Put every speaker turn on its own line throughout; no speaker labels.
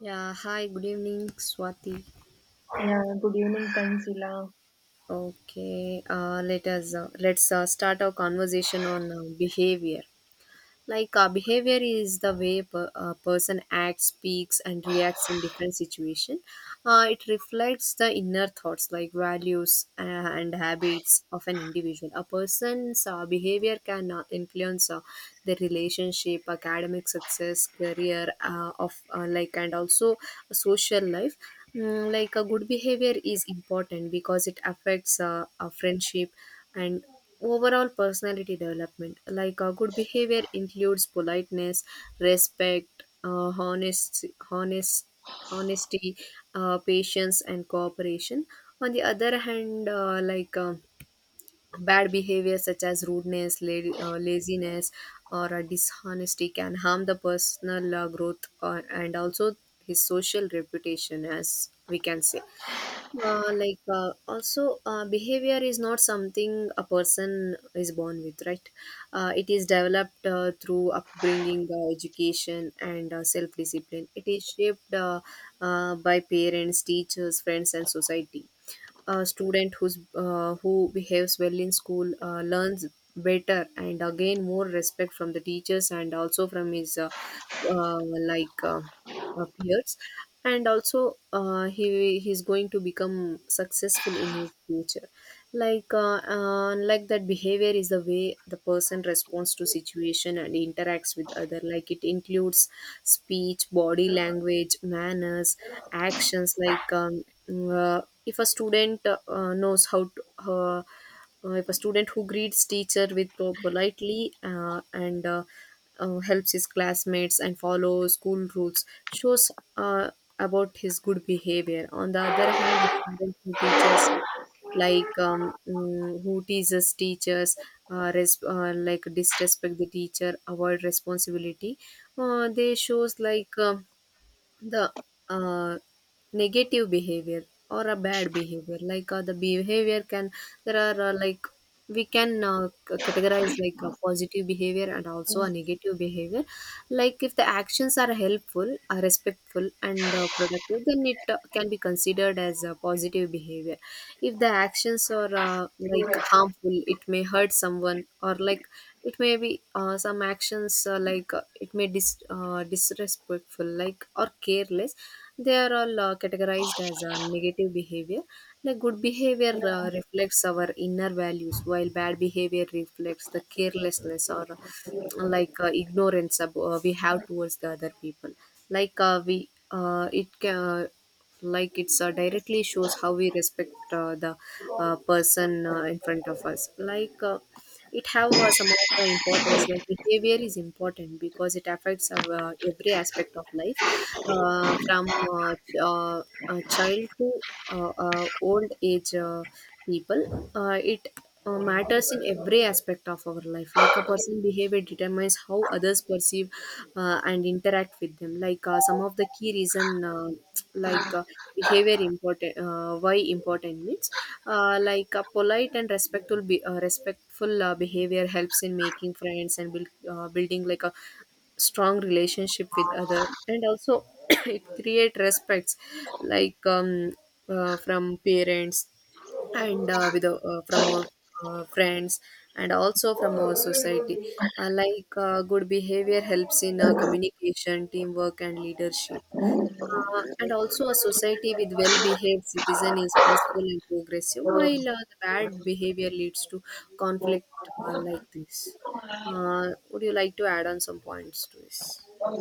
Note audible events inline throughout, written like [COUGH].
Yeah, hi, good evening, Swati.
Yeah, good evening, Tanzila.
Okay, let's start our conversation on behavior. Behavior is the way a person acts, speaks, and reacts in different situation. It reflects the inner thoughts, like values, and habits of an individual. A person's behavior can influence their relationship, academic success, career, and also social life. A good behavior is important because it affects a friendship and overall personality development. Good behavior includes politeness, respect, honesty, patience, and cooperation. On the other hand, bad behavior such as rudeness, laziness, or dishonesty can harm the personal growth and also his social reputation. As we can say, like also behavior is not something a person is born with, right? Uh, it is developed through upbringing, education, and self discipline. It is shaped by parents, teachers, friends, and society. A student who behaves well in school learns better and again more respect from the teachers and also from his uh, like uh, peers, and also he's going to become successful in his future. Like that Behavior is the way the person responds to situation and interacts with other. Like, it includes speech, body language, manners, actions. Like if a student knows how to, If a student who greets teacher with politely and helps his classmates and follows school rules shows uh, about his good behavior. On the other hand, a student who teaches, who teases teachers, disrespect the teacher, avoid responsibility, they shows like the uh, negative behavior or a bad behavior. Like the behavior can there are like We can categorize like a positive behavior and also a negative behavior. Like, if the actions are helpful, respectful, and productive, then it can be considered as a positive behavior. If the actions are like
Yeah,
harmful, it may hurt someone, or like it may be some actions, it may disrespectful, like, or careless, they are all categorized as negative behavior. Like, good behavior reflects our inner values, while bad behavior reflects the carelessness or ignorance we have towards the other people. Like we it can like It's directly shows how we respect the person in front of us. It have some of the importance. Like, behavior is important because it affects our, every aspect of life, a child to old age. Uh, people, it matters in every aspect of our life. Like, a person's behavior determines how others perceive and interact with them. Like, some of the key reason, like uh, behavior important, why important means, like a polite and respectful behavior helps in making friends and building like a strong relationship with other, and also [COUGHS] [CLEARS THROAT] it create respects like um, from parents and with from our friends and also from our society. Uh, good behavior helps in communication, teamwork, and leadership. And also a society with well-behaved citizen is peaceful and progressive, while the bad behavior leads to conflict. Like this Would you like to add on some points to this?
I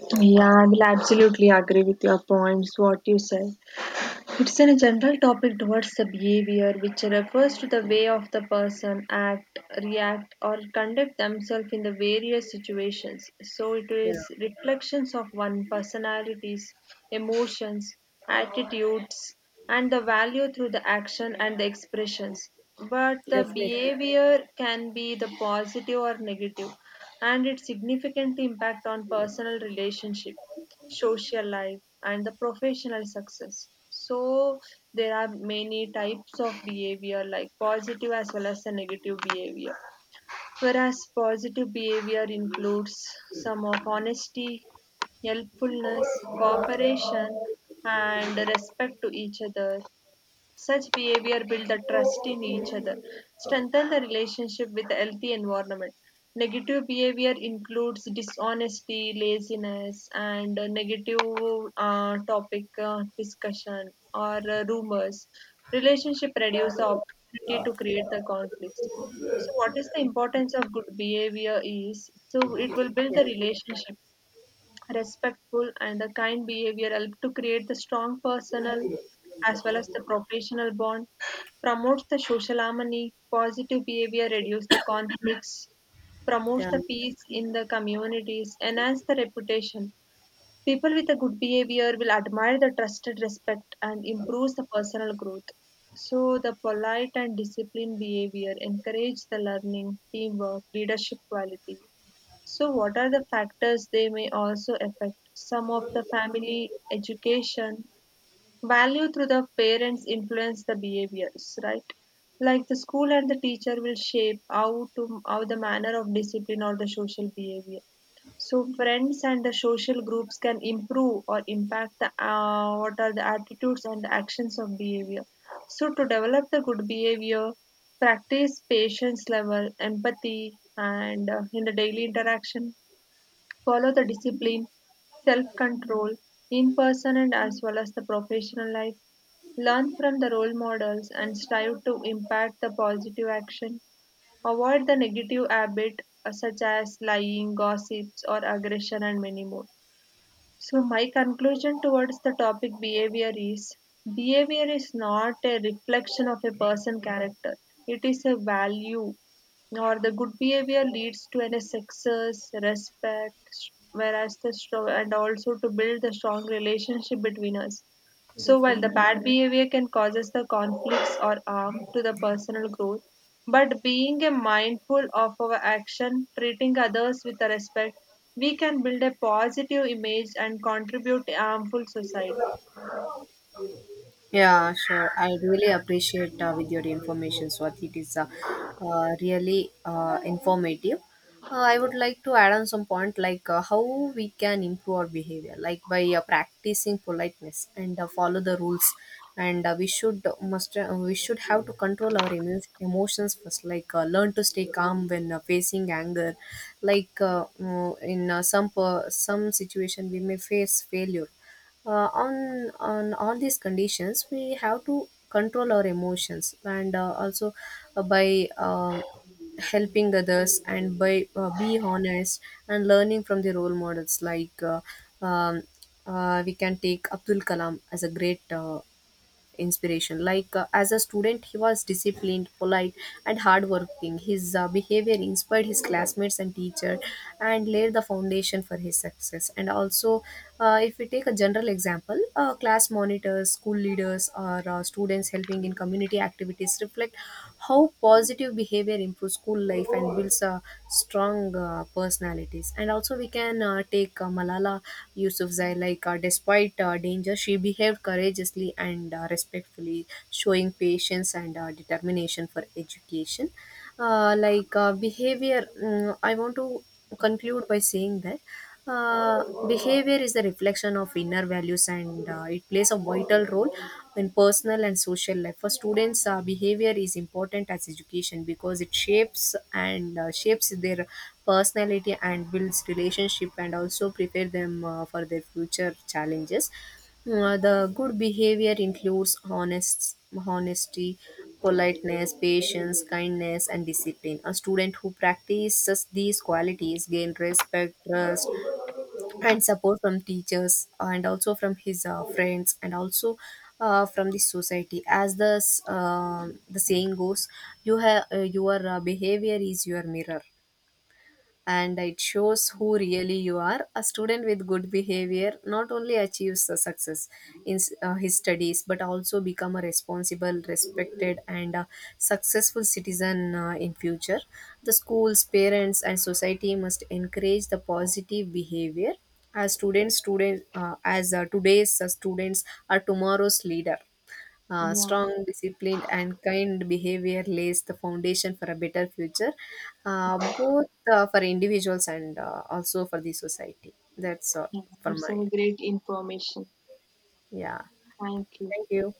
will absolutely agree with your points, what you said. It's a general topic towards the behavior, which refers to the way of the person act, react or conduct themselves in the various situations. So it
Yeah.
is reflections of one personalities, emotions, attitudes and the value through the action and the expressions. But the
Definitely.
behavior can be the positive or negative, and its significant impact on personal relationship, social life and the professional success. So there are many types of behavior, like positive as well as the negative behavior. Whereas positive behavior includes some of honesty, helpfulness, cooperation and respect to each other. Such behavior builds the trust in each other, strengthen the relationship with a healthy environment. Negative behavior includes dishonesty, laziness, and negative topic discussion or rumors. Relationship reduce the opportunity to create the conflicts. So, what is the importance of good behavior is, so it will build
Yeah.
the relationship. Respectful and a kind behavior help to create the strong personal as well as the professional bond, promotes the social harmony, positive behavior reduces the conflicts, promotes
Yeah,
the peace in the communities, enhance the reputation. People with a good behavior will admire the trusted respect and improves the personal growth. So the polite and disciplined behavior encourages the learning, teamwork, leadership quality. So what are the factors they may also affect? Some of the family education, value through the parents influence the behaviors, right? Like the school and the teacher will shape how to how the manner of discipline or the social behavior. So friends and the social groups can improve or impact the, what are the attitudes and the actions of behavior. So to develop the good behavior, practice patience level, empathy, and in the daily interaction, follow the discipline, self control in person and as well as the professional life, learn from the role models and strive to impact the positive action, avoid the negative habit such as lying, gossips, or aggression, and many more. So, my conclusion towards the topic behavior is, behavior is not a reflection of a person character. It is a value, or the good behavior leads to an success, respect, whereas the strong and also to build the strong relationship between us. So while
definitely.
the bad behavior can cause us the conflicts or harm to the personal growth, but being a mindful of our action, treating others with the respect, we can build a positive image and contribute to a harmful society.
Yeah, sure. I really appreciate with your information, Swati. It is really informative. I would like to add on some point, like, how we can improve our behavior, like by practicing politeness and follow the rules. And we should have to control our emotions first, like, learn to stay calm when facing anger. Like mm, in some some situation, we may face failure. On all these conditions, we have to control our emotions, and also by helping others, and by be honest, and learning from the role models. Um, we can take Abdul Kalam as a great inspiration. Like, as a student, he was disciplined, polite, and hardworking. His behavior inspired his classmates and teacher and laid the foundation for his success. And also, if we take a general example, class monitors, school leaders, or students helping in community activities reflect how positive behavior improves school life and builds strong personalities. And also, we can take Malala Yousafzai. Despite danger, she behaved courageously and respectfully, showing patience and determination for education. I want to conclude by saying that behavior is the reflection of inner values, and it plays a vital role in personal and social life. For students, behavior is important as education because it shapes their personality and builds relationship and also prepare them for their future challenges. The good behavior includes honesty, politeness, patience, kindness, and discipline. A student who practices these qualities gain respect, trust, and support from teachers, and also from his friends, and also from the society. As the the saying goes, you have your behavior is your mirror, and it shows who really you are. A student with good behavior not only achieves the success in his studies, but also become a responsible, respected, and successful citizen in future. The schools, parents, and society must encourage the positive behavior, as students students as today's students are tomorrow's leader.
Yeah,
Strong, disciplined, and kind behavior lays the foundation for a better future, both for individuals and also for the society. That's all
yeah,
for
it's
my.
important.
Yeah. Thank you.